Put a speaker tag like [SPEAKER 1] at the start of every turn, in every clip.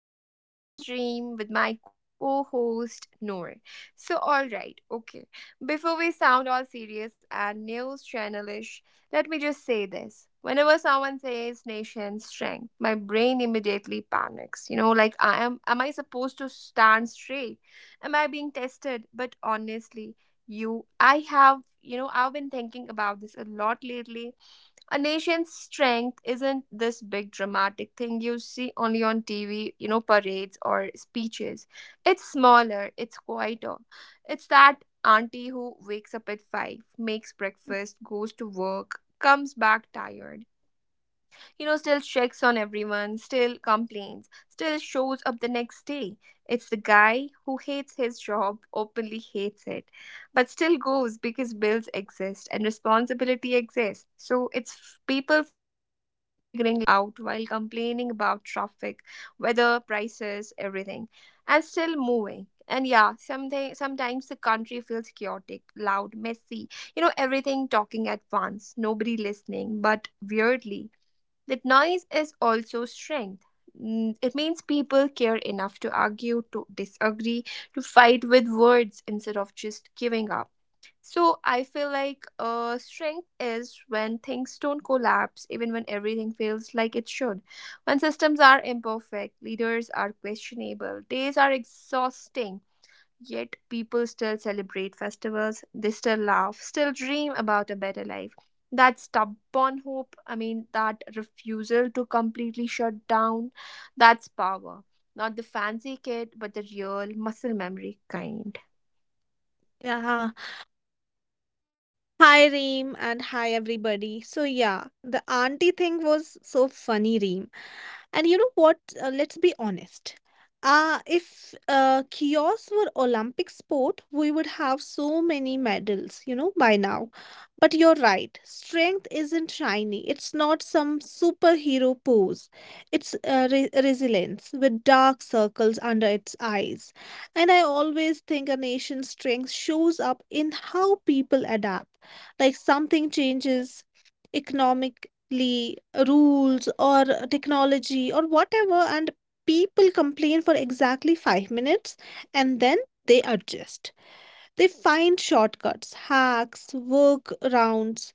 [SPEAKER 1] Talks. I'm your host Reem with my co-host Noor. Okay. Before we sound all serious and news channelish, let me just say this. Whenever someone says nation strength, my brain immediately panics. You know, like I am I supposed to stand straight? Am I being tested? But honestly, you I have you know, I've been thinking about this a lot lately, a nation's strength isn't this big dramatic thing you see only on TV, you know, parades or speeches. It's smaller, it's quieter. It's that auntie who wakes up at 5, makes breakfast, goes to work, comes back tired, you know, still checks on everyone, still complains, still shows up the next day. It's the guy who hates his job, openly hates it, but still goes because bills exist and responsibility exists. So people figuring life out while complaining about traffic, weather, prices, everything, and still moving. And yeah, something sometimes the country feels chaotic, loud, messy, you know, everything talking at once, nobody listening, but weirdly that noise is also strength. It means people care enough to argue, to disagree, to fight with words instead of just giving up. So I feel like strength is when things don't collapse, even when everything feels like it should. When systems are imperfect, leaders are questionable, days are exhausting, yet people still celebrate festivals, they still laugh, still dream about a better life. That stubborn hope, I mean, that refusal to completely shut down, that's power. Not the fancy kid, but the real muscle memory kind.
[SPEAKER 2] Yeah. Hi, Reem, and hi, everybody. So, yeah, the auntie thing was so funny, Reem. And you know what? Let's be honest. If kiosks were Olympic sport, we would have so many medals, you know, by now. But you're right. Strength isn't shiny. It's not some superhero pose. It's resilience with dark circles under its eyes. And I always think a nation's strength shows up in how people adapt. Like something changes, economic ly- rules or technology or whatever, and people complain for exactly 5 minutes, and then they adjust, they find shortcuts, hacks, workarounds,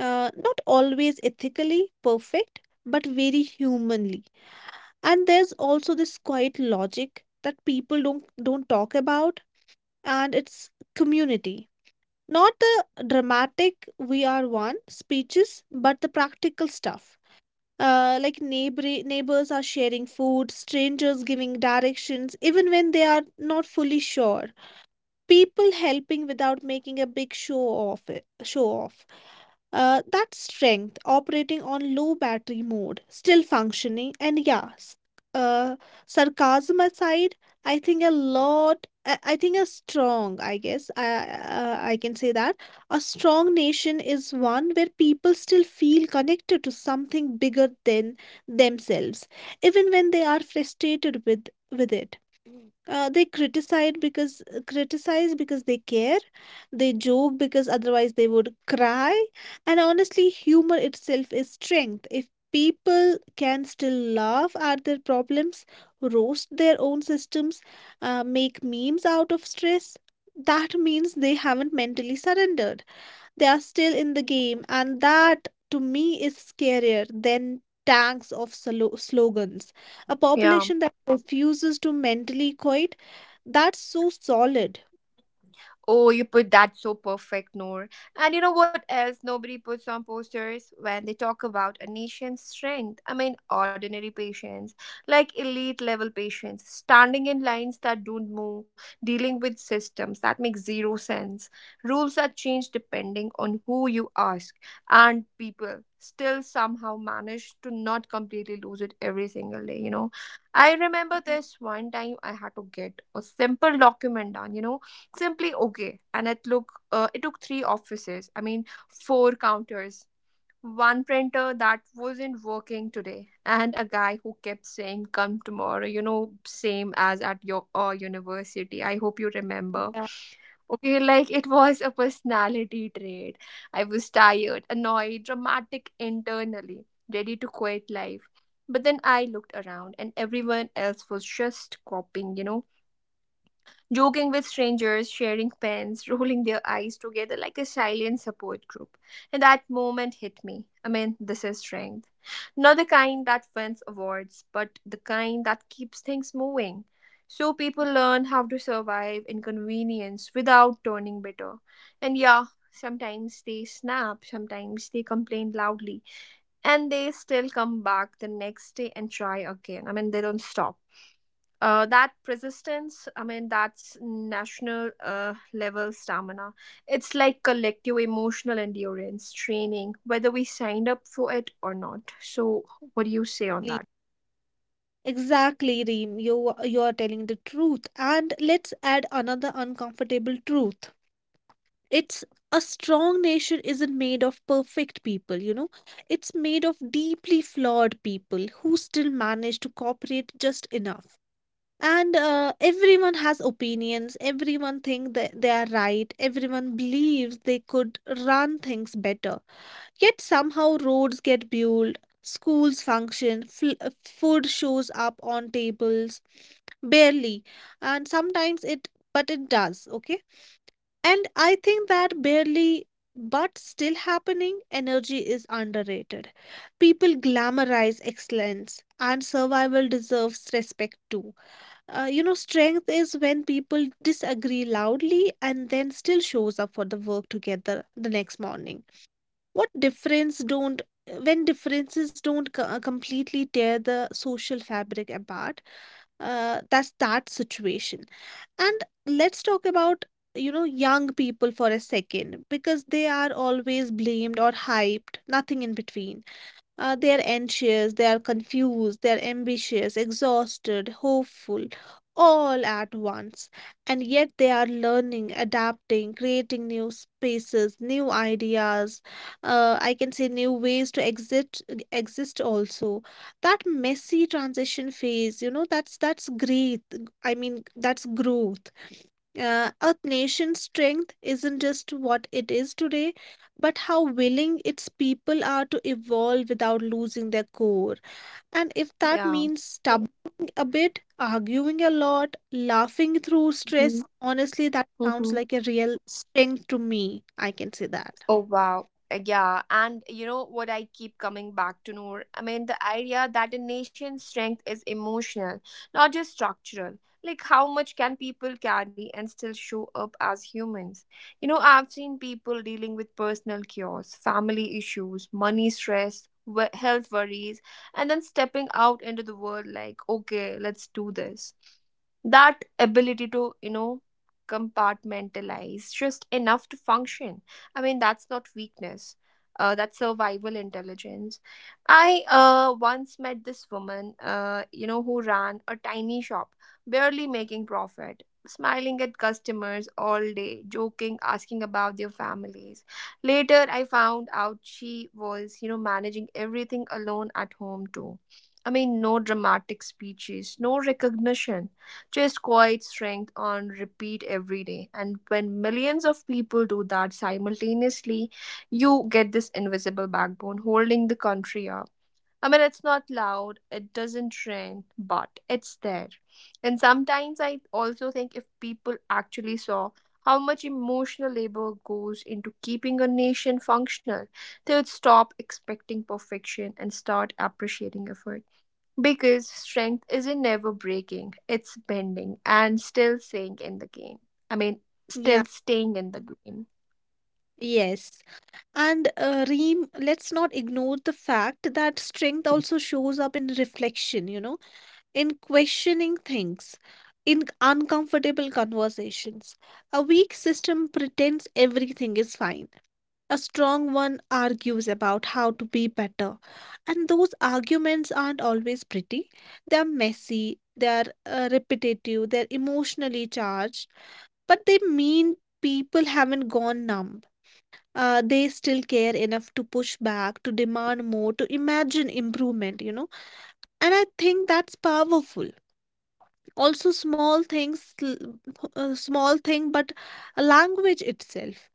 [SPEAKER 2] not always ethically perfect, but very humanly. And there's also this quiet logic that people don't talk about, and it's community, not the dramatic we are one speeches, but the practical stuff. Like neighbors are sharing food, strangers giving directions, even when they are not fully sure, people helping without making a big show off. That strength operating on low battery mode, still functioning. Uh, Sarcasm aside, i think a I think a strong I guess I can say that a strong nation is one where people still feel connected to something bigger than themselves, even when they are frustrated with it. They criticize because they care. They joke because otherwise they would cry. And honestly, humor itself is strength. If people can still laugh at their problems, roast their own systems, make memes out of stress, that means they haven't mentally surrendered. They are still in the game, and that to me is scarier than tanks of slogans. A population
[SPEAKER 1] Yeah.
[SPEAKER 2] that refuses to mentally quit, that's so solid.
[SPEAKER 1] Oh, you put that so perfect, Noor. And you know what else nobody puts on posters when they talk about a nation's strength? I mean, ordinary patients, like elite level patients, standing in lines that don't move, dealing with systems that make zero sense. Rules are changed depending on who you ask, and people still somehow manage to not completely lose it every single day, you know. I remember this one time I had to get a simple document done, you know, simply, okay, and it took three offices, I mean four counters, one printer that wasn't working today, and a guy who kept saying come tomorrow, you know, same as at your university, I hope you remember, okay, like it was a personality trait. I was tired, annoyed, dramatic internally, ready to quit life, but then I looked around and everyone else was just copying, you know, joking with strangers, sharing pens, rolling their eyes together like a silent support group. And that moment hit me. I mean, this is strength. Not the kind that wins awards, but the kind that keeps things moving. So people learn how to survive inconvenience without turning bitter. And yeah, sometimes they snap, sometimes they complain loudly, and they still come back the next day and try again. I mean, they don't stop. That persistence, I mean that's national level stamina. It's like collective emotional endurance training whether we signed up for it or not. So what do you say on
[SPEAKER 2] Exactly,
[SPEAKER 1] that?
[SPEAKER 2] exactly, Reem. You are telling the truth. And let's add another uncomfortable truth. It's A strong nation isn't made of perfect people, you know. It's made of deeply flawed people who still manage to cooperate just enough. And everyone has opinions, everyone think that they are right, everyone believes they could run things better, yet somehow roads get built, schools function, food shows up on tables, barely, and sometimes it, but it does, okay. And I think that barely but still happening energy is underrated. People glamorize excellence, and survival deserves respect too. You know, strength is when people disagree loudly and then still shows up for the work together the next morning. What difference don't When differences don't completely tear the social fabric apart? That's that situation. And let's talk about, you know, young people for a second, because they are always blamed or hyped, nothing in between. They are anxious, they are confused, they are ambitious, exhausted, hopeful, all at once. And yet they are learning, adapting, creating new spaces, new ideas. I can say new ways to exist. Exist also. That messy transition phase, you know, that's great. I mean, that's growth. A nation's strength isn't just what it is today, but how willing its people are to evolve without losing their core. And if that
[SPEAKER 1] Yeah.
[SPEAKER 2] means stumbling a bit, arguing a lot, laughing through stress, honestly, that sounds
[SPEAKER 1] Mm-hmm.
[SPEAKER 2] like a real strength to me. I can say that.
[SPEAKER 1] Oh wow. Yeah. And you know what I keep coming back to, Noor? I mean, the idea that a nation's strength is emotional, not just structural. Like how much can people carry and still show up as humans? You know, I've seen people dealing with personal chaos, family issues, money stress, health worries, and then stepping out into the world like, okay, let's do this. That ability to, you know, compartmentalize just enough to function, I mean, that's not weakness. That's survival intelligence. I once met this woman, you know, who ran a tiny shop, barely making profit, smiling at customers all day, joking, asking about their families. Later, I found out she was, you know, managing everything alone at home too. I mean, no dramatic speeches, no recognition, just quiet strength on repeat every day. And when millions of people do that simultaneously, you get this invisible backbone holding the country up. I mean, it's not loud, it doesn't trend, but it's there. And sometimes I also think if people actually saw how much emotional labor goes into keeping a nation functional, they would stop expecting perfection and start appreciating effort. Because strength isn't never breaking, it's bending and still staying in the game. I mean,
[SPEAKER 2] Yeah.
[SPEAKER 1] still staying in the game.
[SPEAKER 2] Yes. And Reem, let's not ignore the fact that strength also shows up in reflection, you know, in questioning things, in uncomfortable conversations. A weak system pretends everything is fine. A strong one argues about how to be better. And those arguments aren't always pretty. They're messy, they're repetitive, they're emotionally charged, but they mean people haven't gone numb. They still care enough to push back, to demand more, to imagine improvement, you know. And I think that's powerful. Also small small thing, but a language itself,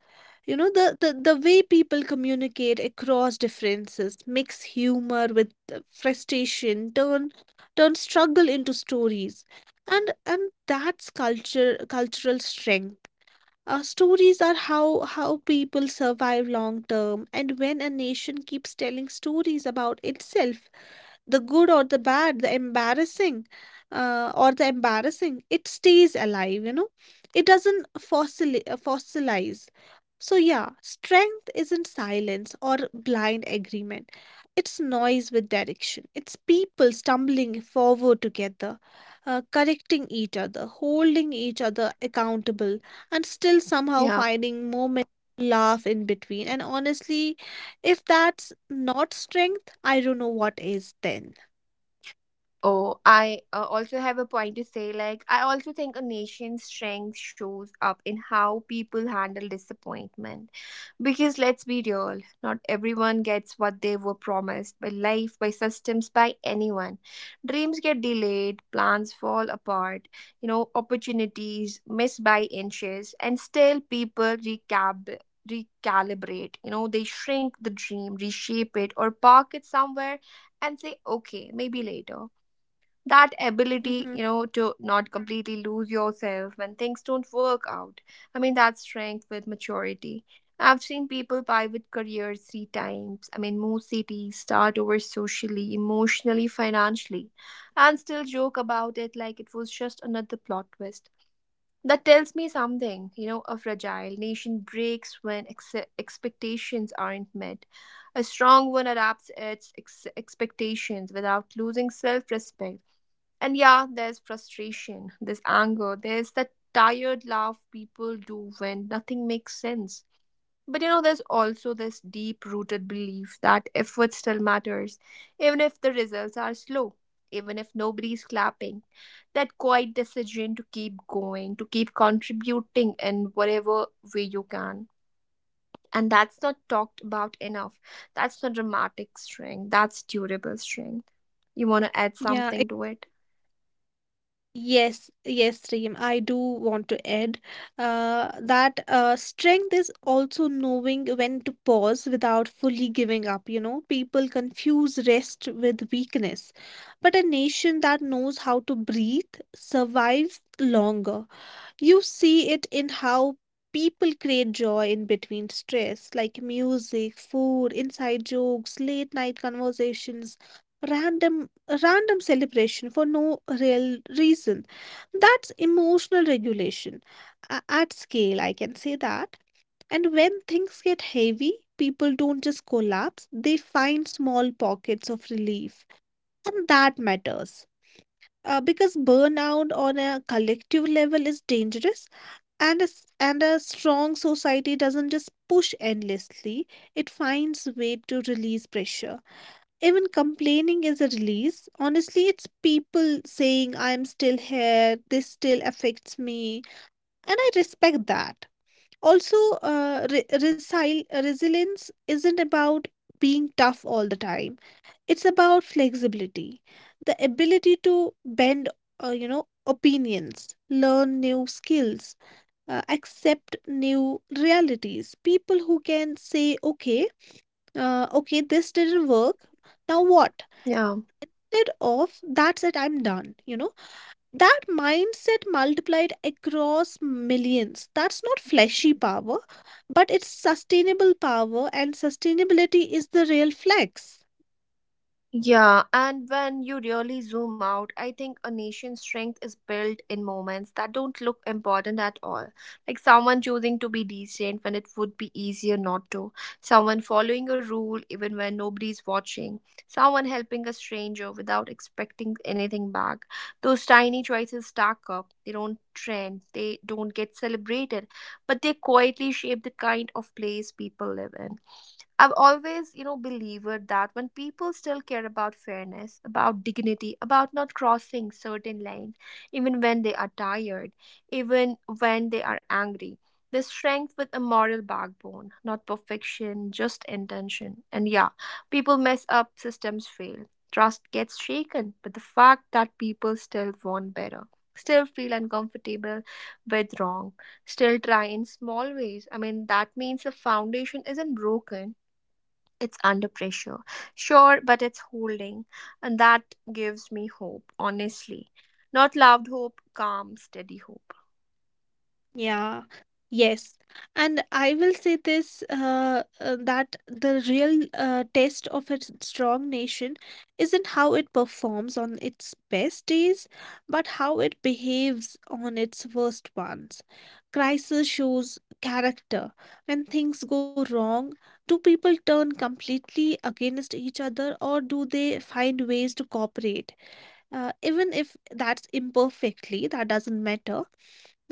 [SPEAKER 2] you know, the, the way people communicate across differences, mix humor with frustration, turn struggle into stories. And that's culture cultural strength. Stories are how people survive long term, and when a nation keeps telling stories about itself, the good or the bad, the embarrassing, it stays alive, you know. It doesn't fossilize. So yeah, strength isn't silence or blind agreement. It's noise with direction. It's people stumbling forward together, correcting each other, holding each other accountable, and still somehow
[SPEAKER 1] Yeah.
[SPEAKER 2] finding moments to laugh in between. And honestly, if that's not strength, I don't know what is then.
[SPEAKER 1] Oh, I also have a point to say. Like, I also think a nation's strength shows up in how people handle disappointment. Because let's be real, not everyone gets what they were promised by life, by systems, by anyone. Dreams get delayed, plans fall apart, you know, opportunities missed by inches, and still people recab recalibrate. You know, they shrink the dream, reshape it, or park it somewhere and say, okay, maybe later. That ability,
[SPEAKER 2] Hmm.
[SPEAKER 1] you know, to not completely lose yourself when things don't work out, I mean, that's strength with maturity. I've seen people pivot careers three times, I mean move cities, start over socially, emotionally, financially, and still joke about it like it was just another plot twist. That tells me something, you know, a fragile nation breaks when expectations aren't met. A strong one adapts its expectations without losing self-respect. And yeah, there's frustration, there's anger, there's that tired laugh people do when nothing makes sense. But you know, there's also this deep rooted belief that effort still matters, even if the results are slow, even if nobody's clapping. That quiet decision to keep going, to keep contributing in whatever way you can. And that's not talked about enough. That's not dramatic strength, that's durable strength. You want to add
[SPEAKER 2] Yeah.
[SPEAKER 1] something to it?
[SPEAKER 2] Yes, yes, Reem, I do want to add that strength is also knowing when to pause without fully giving up. You know, people confuse rest with weakness, but a nation that knows how to breathe survives longer. You see it in how people create joy in between stress, like music, food, inside jokes, late night conversations, random random celebration for no real reason. That's emotional regulation at scale, I can say that. And when things get heavy, people don't just collapse, they find small pockets of relief. And that matters. Because burnout on a collective level is dangerous, and a strong society doesn't just push endlessly, it finds way to release pressure. Even complaining is a release, honestly. It's people saying I'm still here, this still affects me, and I respect that. Also, resilience isn't about being tough all the time, it's about flexibility, the ability to bend, you know, opinions, learn new skills, accept new realities. People who can say, okay, okay, this didn't work. Now what?
[SPEAKER 1] Yeah.
[SPEAKER 2] Instead of that's it, I'm done. You know, that mindset multiplied across millions. That's not flashy power, but it's sustainable power, and sustainability is the real flex.
[SPEAKER 1] Yeah, and when you really zoom out, I think a nation's strength is built in moments that don't look important at all. Like someone choosing to be decent when it would be easier not to, someone following a rule even when nobody's watching, someone helping a stranger without expecting anything back. Those tiny choices stack up. They don't trend, they don't get celebrated, but they quietly shape the kind of place people live in. I've always, you know, believed that when people still care about fairness, about dignity, about not crossing certain lines, even when they are tired, even when they are angry, they strength with a moral backbone, not perfection, just intention. And yeah, people mess up, systems fail, trust gets shaken, but the fact that people still want better, still feel uncomfortable with wrong, still try in small ways, I mean, that means the foundation isn't broken, it's under pressure. Sure, but it's holding. And that gives me hope, honestly. Not loud hope, calm, steady hope.
[SPEAKER 2] Yeah, yes. And I will say this, that the real test of a strong nation isn't how it performs on its best days, but how it behaves on its worst ones. Crisis shows character. When things go wrong, do people turn completely against each other, or do they find ways to cooperate? Even if that's imperfectly, that doesn't matter.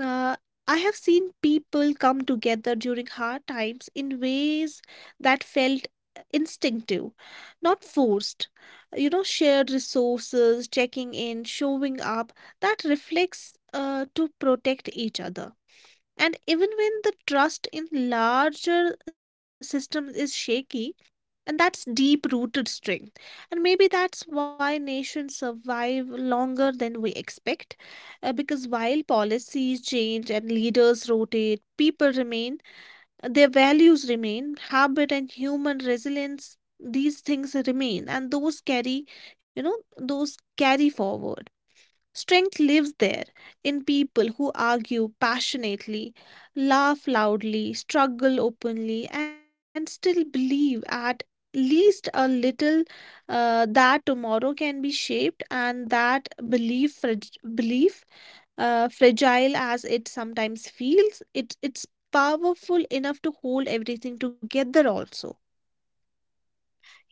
[SPEAKER 2] uh, I have seen people come together during hard times in ways that felt instinctive, not forced. You know, shared resources, checking in, showing up, that reflects to protect each other. And even when the trust in larger systems is shaky, and that's deep rooted strength. And maybe that's why nations survive longer than we expect, because while policies change and leaders rotate, people remain, their values remain, habit and human resilience, these things remain, and those carry, you know, those carry forward. Strength lives there, in people who argue passionately, laugh loudly, struggle openly, and still believe at least a little, that tomorrow can be shaped. And that belief, fragile as it sometimes feels, it's powerful enough to hold everything together also.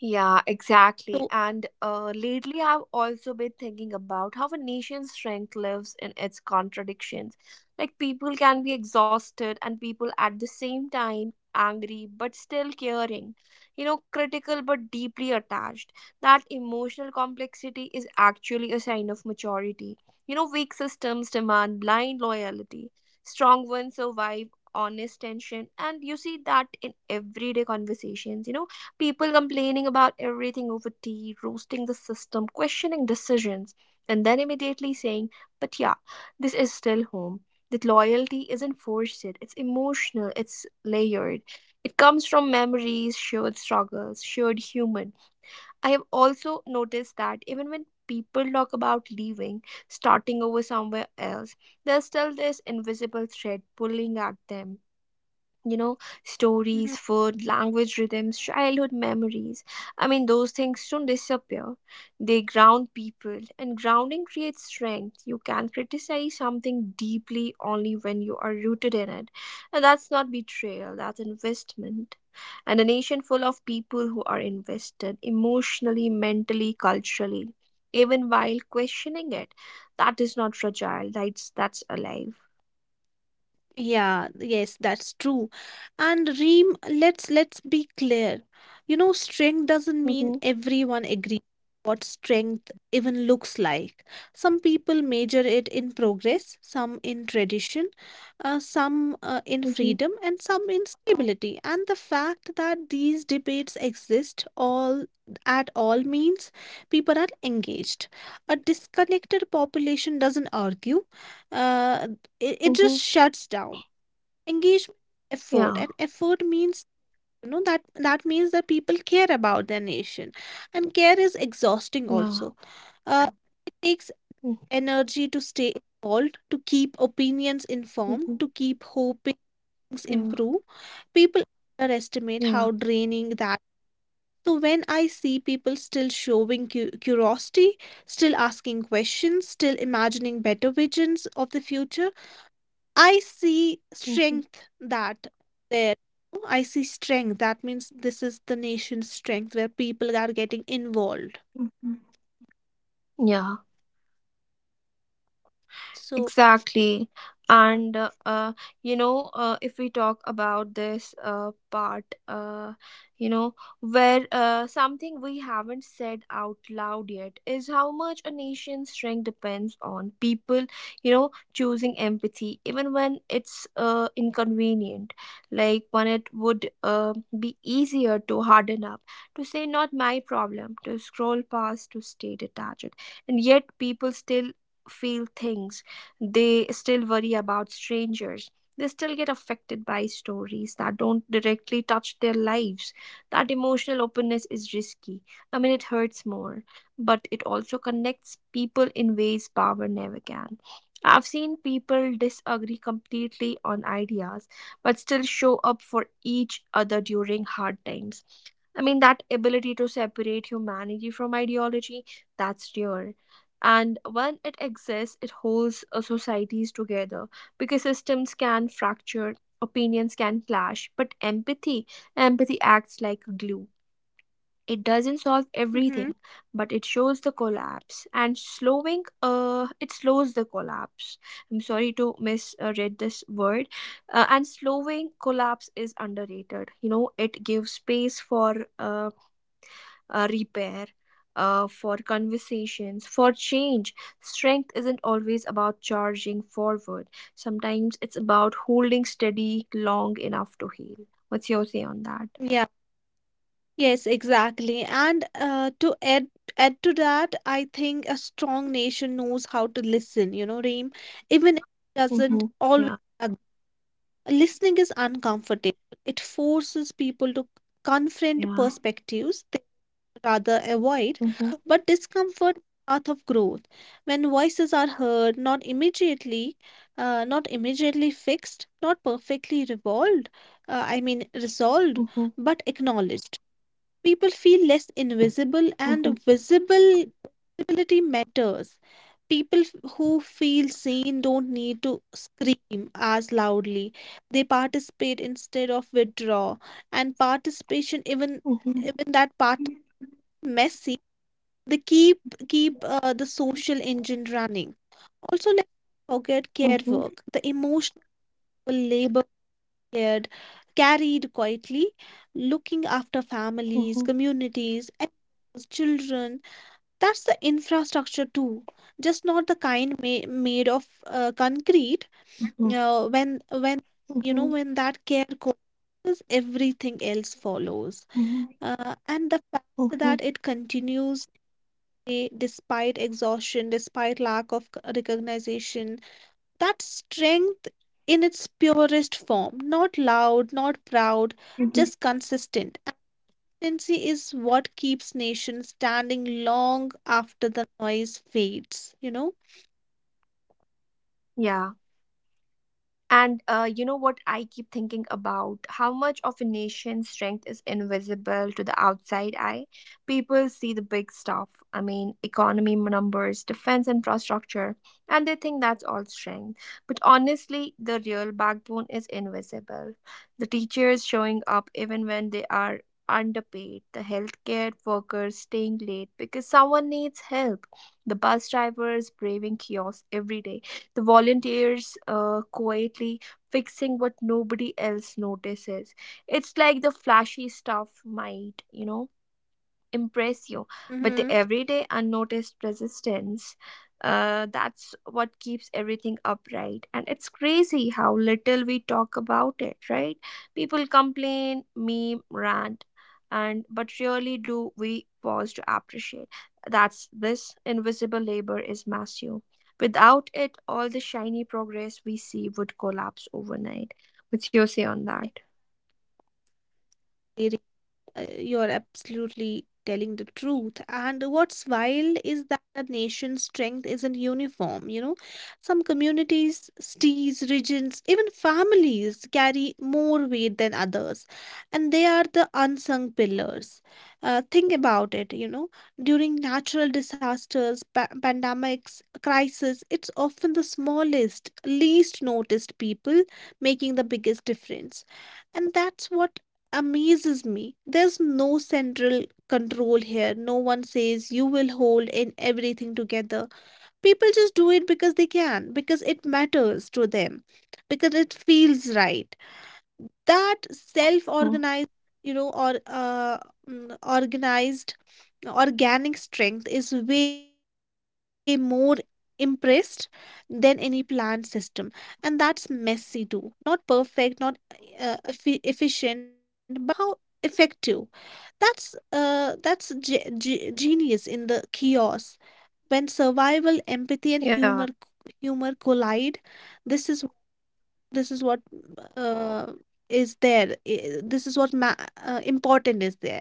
[SPEAKER 1] Yeah, exactly.
[SPEAKER 2] So
[SPEAKER 1] And lately, I've also been thinking about how a nation's strength lives in its contradictions. Like, people can be exhausted and people at the same time angry but still caring, you know, critical but deeply attached. That emotional complexity is actually a sign of maturity. You know, weak systems demand blind loyalty, strong ones survive honest tension. And you see that in everyday conversations, you know, people complaining about everything over tea, roasting the system, questioning decisions, and then immediately saying, but yeah, this is still home. That loyalty isn't forced, it's emotional, it's layered. It comes from memories, shared struggles, shared human. I have also noticed that even when people talk about leaving, starting over somewhere else, there's still this invisible thread pulling at them, you know, stories, food, language, rhythms, childhood memories, I mean those things don't disappear. They ground people, and grounding creates strength. You can criticize something deeply only when you are rooted in it, and that's not betrayal, that's investment. And a nation full of people who are invested emotionally, mentally, culturally, even while questioning it, that is not fragile, that's alive.
[SPEAKER 2] yeah, yes, that's true. And Reem, let's be clear. You know, strength doesn't mean
[SPEAKER 1] Mm-hmm.
[SPEAKER 2] everyone agrees what strength even looks like. Some people measure it in progress, some in tradition, some in
[SPEAKER 1] Mm-hmm.
[SPEAKER 2] freedom, and some in stability. And the fact that these debates exist all at all means people are engaged. A disconnected population doesn't argue. Uh, it just
[SPEAKER 1] Mm-hmm.
[SPEAKER 2] shuts down. Engagement, effort,
[SPEAKER 1] Yeah.
[SPEAKER 2] and effort means, you know, that means that people care about their nation. And care is exhausting
[SPEAKER 1] Yeah.
[SPEAKER 2] also. uh, it takes
[SPEAKER 1] Mhm.
[SPEAKER 2] energy to stay involved, to keep opinions informed,
[SPEAKER 1] Mhm.
[SPEAKER 2] to keep hoping things
[SPEAKER 1] Yeah.
[SPEAKER 2] improve. People underestimate
[SPEAKER 1] Yeah.
[SPEAKER 2] how draining that. So when I see people still showing curiosity, still asking questions, still imagining better visions of the future, I see
[SPEAKER 1] Mhm.
[SPEAKER 2] strength that there. I see strength. That means this is the nation's strength where people are getting involved.
[SPEAKER 1] Mhm. Yeah.
[SPEAKER 2] So,
[SPEAKER 1] Exactly. And you know, if we talk about this part, you know, where something we haven't said out loud yet is how much a nation's strength depends on people, you know, choosing empathy even when it's inconvenient. Like when it would be easier to harden up, to say, not my problem, to scroll past, to stay detached. And yet people still feel things, they still worry about strangers. They still get affected by stories that don't directly touch their lives. That emotional openness is risky. I mean, it hurts more, but it also connects people in ways power never can. I've seen people disagree completely on ideas, but still show up for each other during hard times. I mean, that ability to separate humanity from ideology, that's rare, and when it exists it holds societies together because systems can fracture, opinions can clash, but empathy acts like glue. It doesn't solve
[SPEAKER 2] hmm,
[SPEAKER 1] everything, but it shows the collapse and slowing it slows the collapse. I'm sorry to misread this word. And slowing collapse is underrated, you know, it gives space for repair, for conversations, for change. Strength isn't always about charging forward, sometimes it's about holding steady long enough to heal. What's your say on that?
[SPEAKER 2] yeah, yes, exactly. And to add add to that, I think a strong nation knows how to listen. You know, Reem, even if it doesn't
[SPEAKER 1] Mm-hmm.
[SPEAKER 2] always
[SPEAKER 1] Yeah,
[SPEAKER 2] agree. Listening is uncomfortable. It forces people to confront
[SPEAKER 1] yeah.
[SPEAKER 2] perspectives rather avoid,
[SPEAKER 1] Mm-hmm.
[SPEAKER 2] but discomfort path of growth. When voices are heard, not immediately, not immediately fixed, not perfectly revolved, resolved,
[SPEAKER 1] Mm-hmm.
[SPEAKER 2] but acknowledged. People feel less invisible
[SPEAKER 1] Mm-hmm.
[SPEAKER 2] and visible. Visibility matters. Who feel seen don't need to scream as loudly. They participate instead of withdraw, and participation,
[SPEAKER 1] Mm-hmm.
[SPEAKER 2] even that part, messy, they keep keep the social engine running. Also, let's not forget care
[SPEAKER 1] Mm-hmm.
[SPEAKER 2] work, the emotional labor cared, carried quietly, looking after families, communities, and children. That's the infrastructure too, just not the kind made of concrete.
[SPEAKER 1] Mm-hmm.
[SPEAKER 2] When, you know, when that care collapses, everything else follows,
[SPEAKER 1] Mm-hmm.
[SPEAKER 2] and the fact
[SPEAKER 1] Mm-hmm.
[SPEAKER 2] that it continues day despite exhaustion, despite lack of recognition. That strength in its purest form, not loud, not proud,
[SPEAKER 1] Mm-hmm.
[SPEAKER 2] just consistent. Consistency is what keeps nations standing long after the noise fades, you know?
[SPEAKER 1] Yeah. And you know what I keep thinking about? How much of a nation's strength is invisible to the outside eye? People see the big stuff, I mean, economy numbers, defense infrastructure, and they think that's all strength. But honestly, the real backbone is invisible. The teachers showing up even when they are underpaid, the healthcare workers staying late because someone needs help, the bus drivers braving chaos every day, the volunteers quietly fixing what nobody else notices. It's like the flashy stuff might, you know, impress you, but the
[SPEAKER 2] Mm-hmm.
[SPEAKER 1] everyday unnoticed resistance, that's what keeps everything upright. And it's crazy how little we talk about it, right? People complain, meme, rant, and but really, do we pause to appreciate that's this invisible labor is massive? Without it, all the shiny progress we see would collapse overnight. What's your say on that?
[SPEAKER 2] You're absolutely telling the truth. And what's wild is that a nation's strength isn't uniform. You know, some communities, cities, regions, even families carry more weight than others, and they are the unsung pillars. Think about it. You know, during natural disasters, pandemics, crisis, it's often the smallest, least noticed people making the biggest difference, and that's what amazes me. There's no central control here. No one says you will hold in everything together. People just do it because they can, because it matters to them, because it feels right. That
[SPEAKER 1] Mhm.
[SPEAKER 2] self-organized, you know, organized organic strength is way more impressed than any planned system. And that's messy too, not perfect, not efficient, but somehow effective. That's genius in the chaos, when survival, empathy, and humor
[SPEAKER 1] Yeah.
[SPEAKER 2] humor collide. This is this is what, uh, this is what important is there.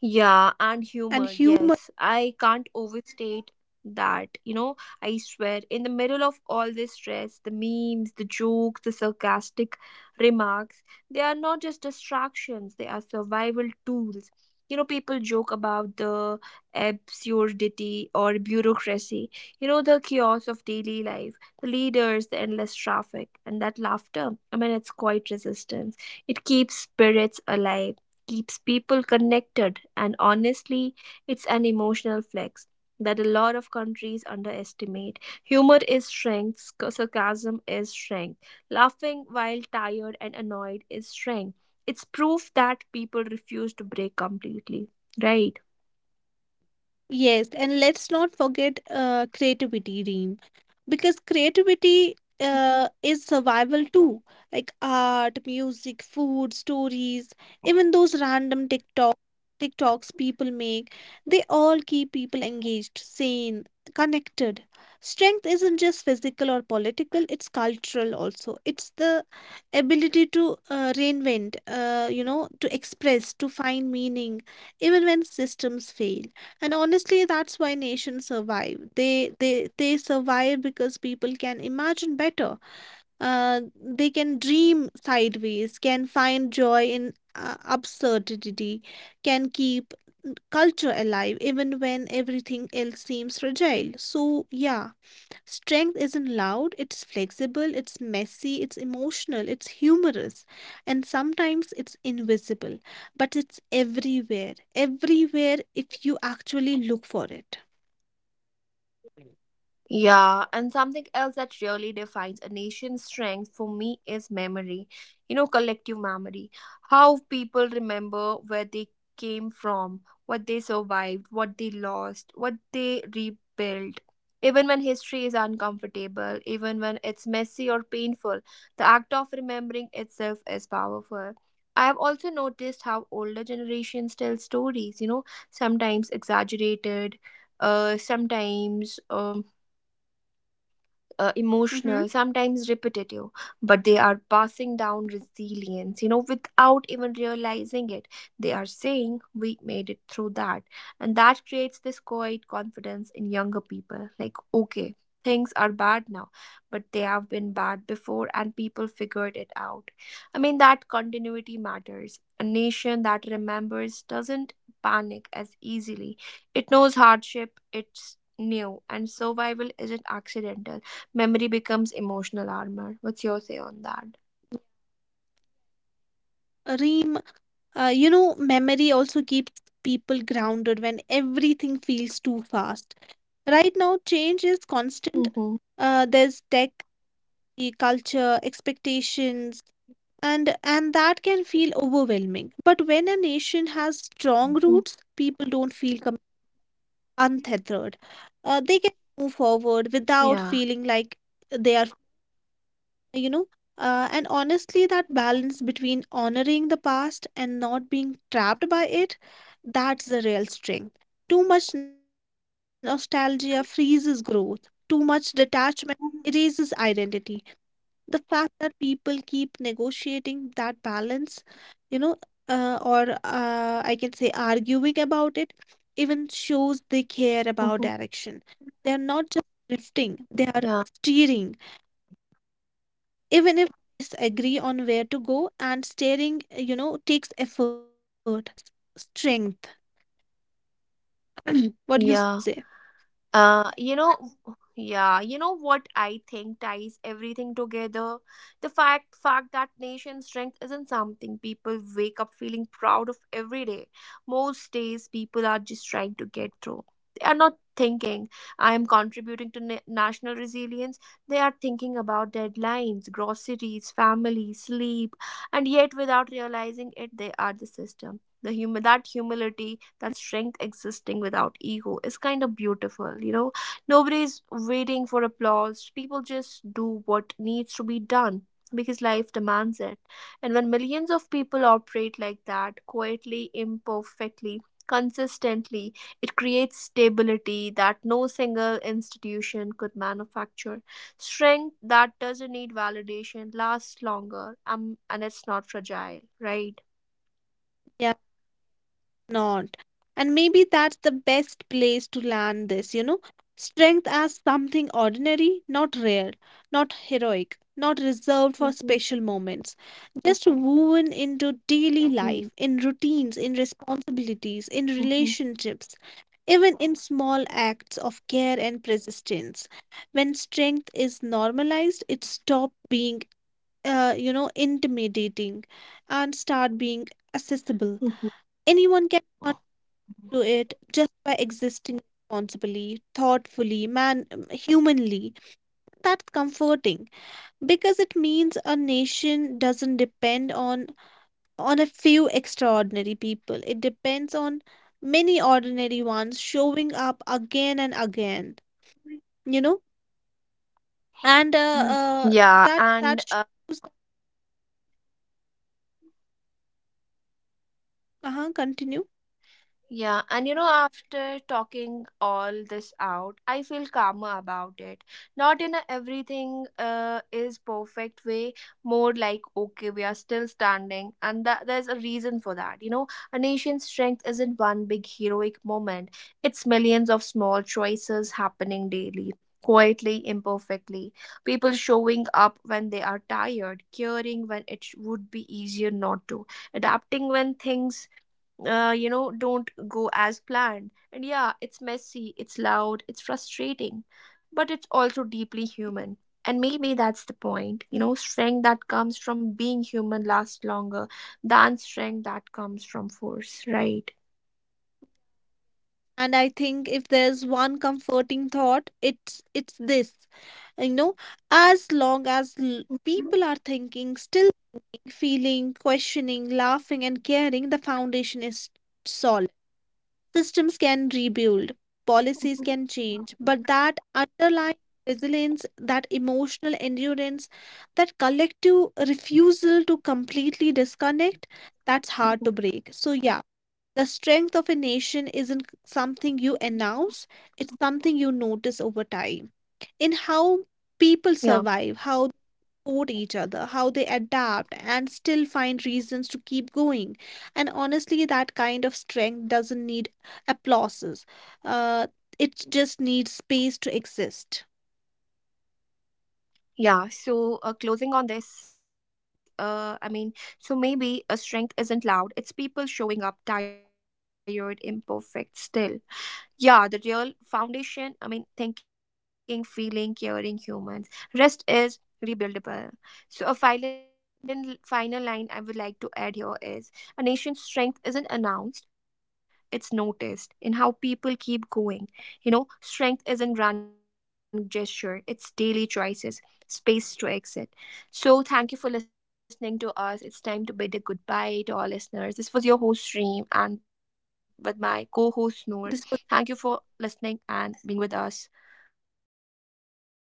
[SPEAKER 1] Yeah, and
[SPEAKER 2] And
[SPEAKER 1] humor.
[SPEAKER 2] humor,
[SPEAKER 1] Yes, I can't overstate that. You know, I swear, in the middle of all this stress, the memes, the jokes, the sarcastic remarks, they are not just distractions, they are survival tools. You know, people joke about the absurdity or bureaucracy, you know, the chaos of daily life, the leaders, the endless traffic, and that laughter. I mean, it's quite resistance. It keeps spirits alive, keeps people connected, and honestly, it's an emotional flex that a lot of countries underestimate. Humor is strength, sarcasm is strength, laughing while tired and annoyed is strength. It's proof that people refuse to break completely, right?
[SPEAKER 2] yes, and let's not forget creativity, Reem, because creativity, is survival too, like art, music, food, stories, even those random TikToks people make. They all keep people engaged, sane, connected. Strength isn't just physical or political, it's cultural also. It's the ability to reinvent, you know, to express, to find meaning, even when systems fail. And honestly, that's why nations survive. They survive because people can imagine better. Uh, they can dream sideways, can find joy in absurdity, can keep culture alive even when everything else seems fragile. So yeah, strength isn't loud, it's flexible, it's messy, it's emotional, it's humorous, and sometimes it's invisible, but it's everywhere, everywhere if you actually look for it.
[SPEAKER 1] Yeah, and something else that really defines a nation's strength for me is memory. You know, collective memory. How people remember where they came from, what they survived, what they lost, what they rebuilt. Even when history is uncomfortable, even when it's messy or painful, the act of remembering itself is powerful. I have also noticed how older generations tell stories, you know, sometimes exaggerated, sometimes
[SPEAKER 2] Mm-hmm.
[SPEAKER 1] emotional, sometimes repetitive, but they are passing down resilience, you know, without even realizing it. They are saying, "We made it through that." And that creates this quiet confidence in younger people, like, okay, things are bad now, but they have been bad before, and people figured it out. I mean, that continuity matters. A nation that remembers doesn't panic as easily, it knows hardship, it's new, and survival isn't accidental. Memory becomes emotional armor. What's your say on that?
[SPEAKER 2] Reem, you know, memory also keeps people grounded when everything feels too fast. Right now, change is constant.
[SPEAKER 1] Mm-hmm.
[SPEAKER 2] There's tech, the culture, expectations, and that can feel overwhelming. But when a nation has strong roots, people don't feel untethered. They can move forward without
[SPEAKER 1] Yeah.
[SPEAKER 2] feeling like they are, you know. Uh, and honestly, that balance between honoring the past and not being trapped by it, that's the real strength. Too much nostalgia freezes growth, too much detachment erases identity. The fact that people keep negotiating that balance, you know, or I can say arguing about it, even shows they care about
[SPEAKER 1] Mm-hmm.
[SPEAKER 2] direction. They are not just drifting, they
[SPEAKER 1] Yeah.
[SPEAKER 2] are steering, even if disagree on where to go. And steering, you know, takes effort. Effort takes strength. What do you
[SPEAKER 1] Yeah.
[SPEAKER 2] say?
[SPEAKER 1] You know, yeah, you know what I think ties everything together? The fact that nation strength isn't something people wake up feeling proud of every day. Most days people are just trying to get through. They are not thinking, I am contributing to national resilience. They are thinking about deadlines, groceries, family, sleep, and yet without realizing it, they are the system. The that humility, that strength existing without ego, is kind of beautiful, you know. Nobody's waiting for applause, people just do what needs to be done because life demands it. And when millions of people operate like that, quietly, imperfectly, consistently, it creates stability that no single institution could manufacture. Strength that doesn't need validation lasts longer, and it's not fragile, right?
[SPEAKER 2] Yeah, not. And maybe that's the best place to land this, you know. Strength as something ordinary, not rare, not heroic, not reserved for
[SPEAKER 1] Mm-hmm.
[SPEAKER 2] special moments, just woven into daily life,
[SPEAKER 1] Mm-hmm.
[SPEAKER 2] in routines, in responsibilities, in relationships, even in small acts of care and persistence. When strength is normalized, it stops being, you know, intimidating, and start being accessible.
[SPEAKER 1] Mm-hmm.
[SPEAKER 2] Anyone can to it just by existing responsibly, thoughtfully, man humanly. That's comforting because it means a nation doesn't depend on a few extraordinary people. It depends on many ordinary ones showing up again and again, you know? And
[SPEAKER 1] Mm. Yeah,
[SPEAKER 2] that that
[SPEAKER 1] and
[SPEAKER 2] sh- uh-huh, Continue.
[SPEAKER 1] yeah, and you know, after talking all this out, I feel calmer about it. Not in a everything is perfect way, more like, okay, we are still standing, and that, there's a reason for that. You know, a nation's strength isn't one big heroic moment, it's millions of small choices happening daily. Quietly, imperfectly, people showing up when they are tired, caring when it would be easier not to, adapting when things you know, don't go as planned. And yeah, it's messy, it's loud, it's frustrating, but it's also deeply human. And maybe that's the point. You know, strength that comes from being human lasts longer than strength that comes from force, right?
[SPEAKER 2] And I think if there's one comforting thought, it's this, you know. As long as people are thinking, still feeling, questioning, laughing, and caring, the foundation is solid. Systems can rebuild, policies can change, but that underlying resilience, that emotional endurance, that collective refusal to completely disconnect, that's hard to break. So, yeah, the strength of a nation isn't something you announce, it's something you notice over time, in how people survive,
[SPEAKER 1] Yeah,
[SPEAKER 2] how support each other, how they adapt and still find reasons to keep going. And honestly, that kind of strength doesn't need applauses. Uh, it just needs space to exist.
[SPEAKER 1] yeah. So, closing on this, I mean, so maybe a strength isn't loud. It's people showing up, tired, imperfect still. Yeah, the real foundation, I mean, thinking, feeling, caring humans. Rest is rebuildable. So a final line I would like to add here is, a nation's strength isn't announced, it's noticed in how people keep going. You know, strength isn't grand gesture, it's daily choices, space to exit. So thank you for listening to us. It's time to bid a goodbye to our listeners. This was your host, Stream, and with my co-host, Noor.
[SPEAKER 2] This was
[SPEAKER 1] Thank you for listening and being with us. Bye bye.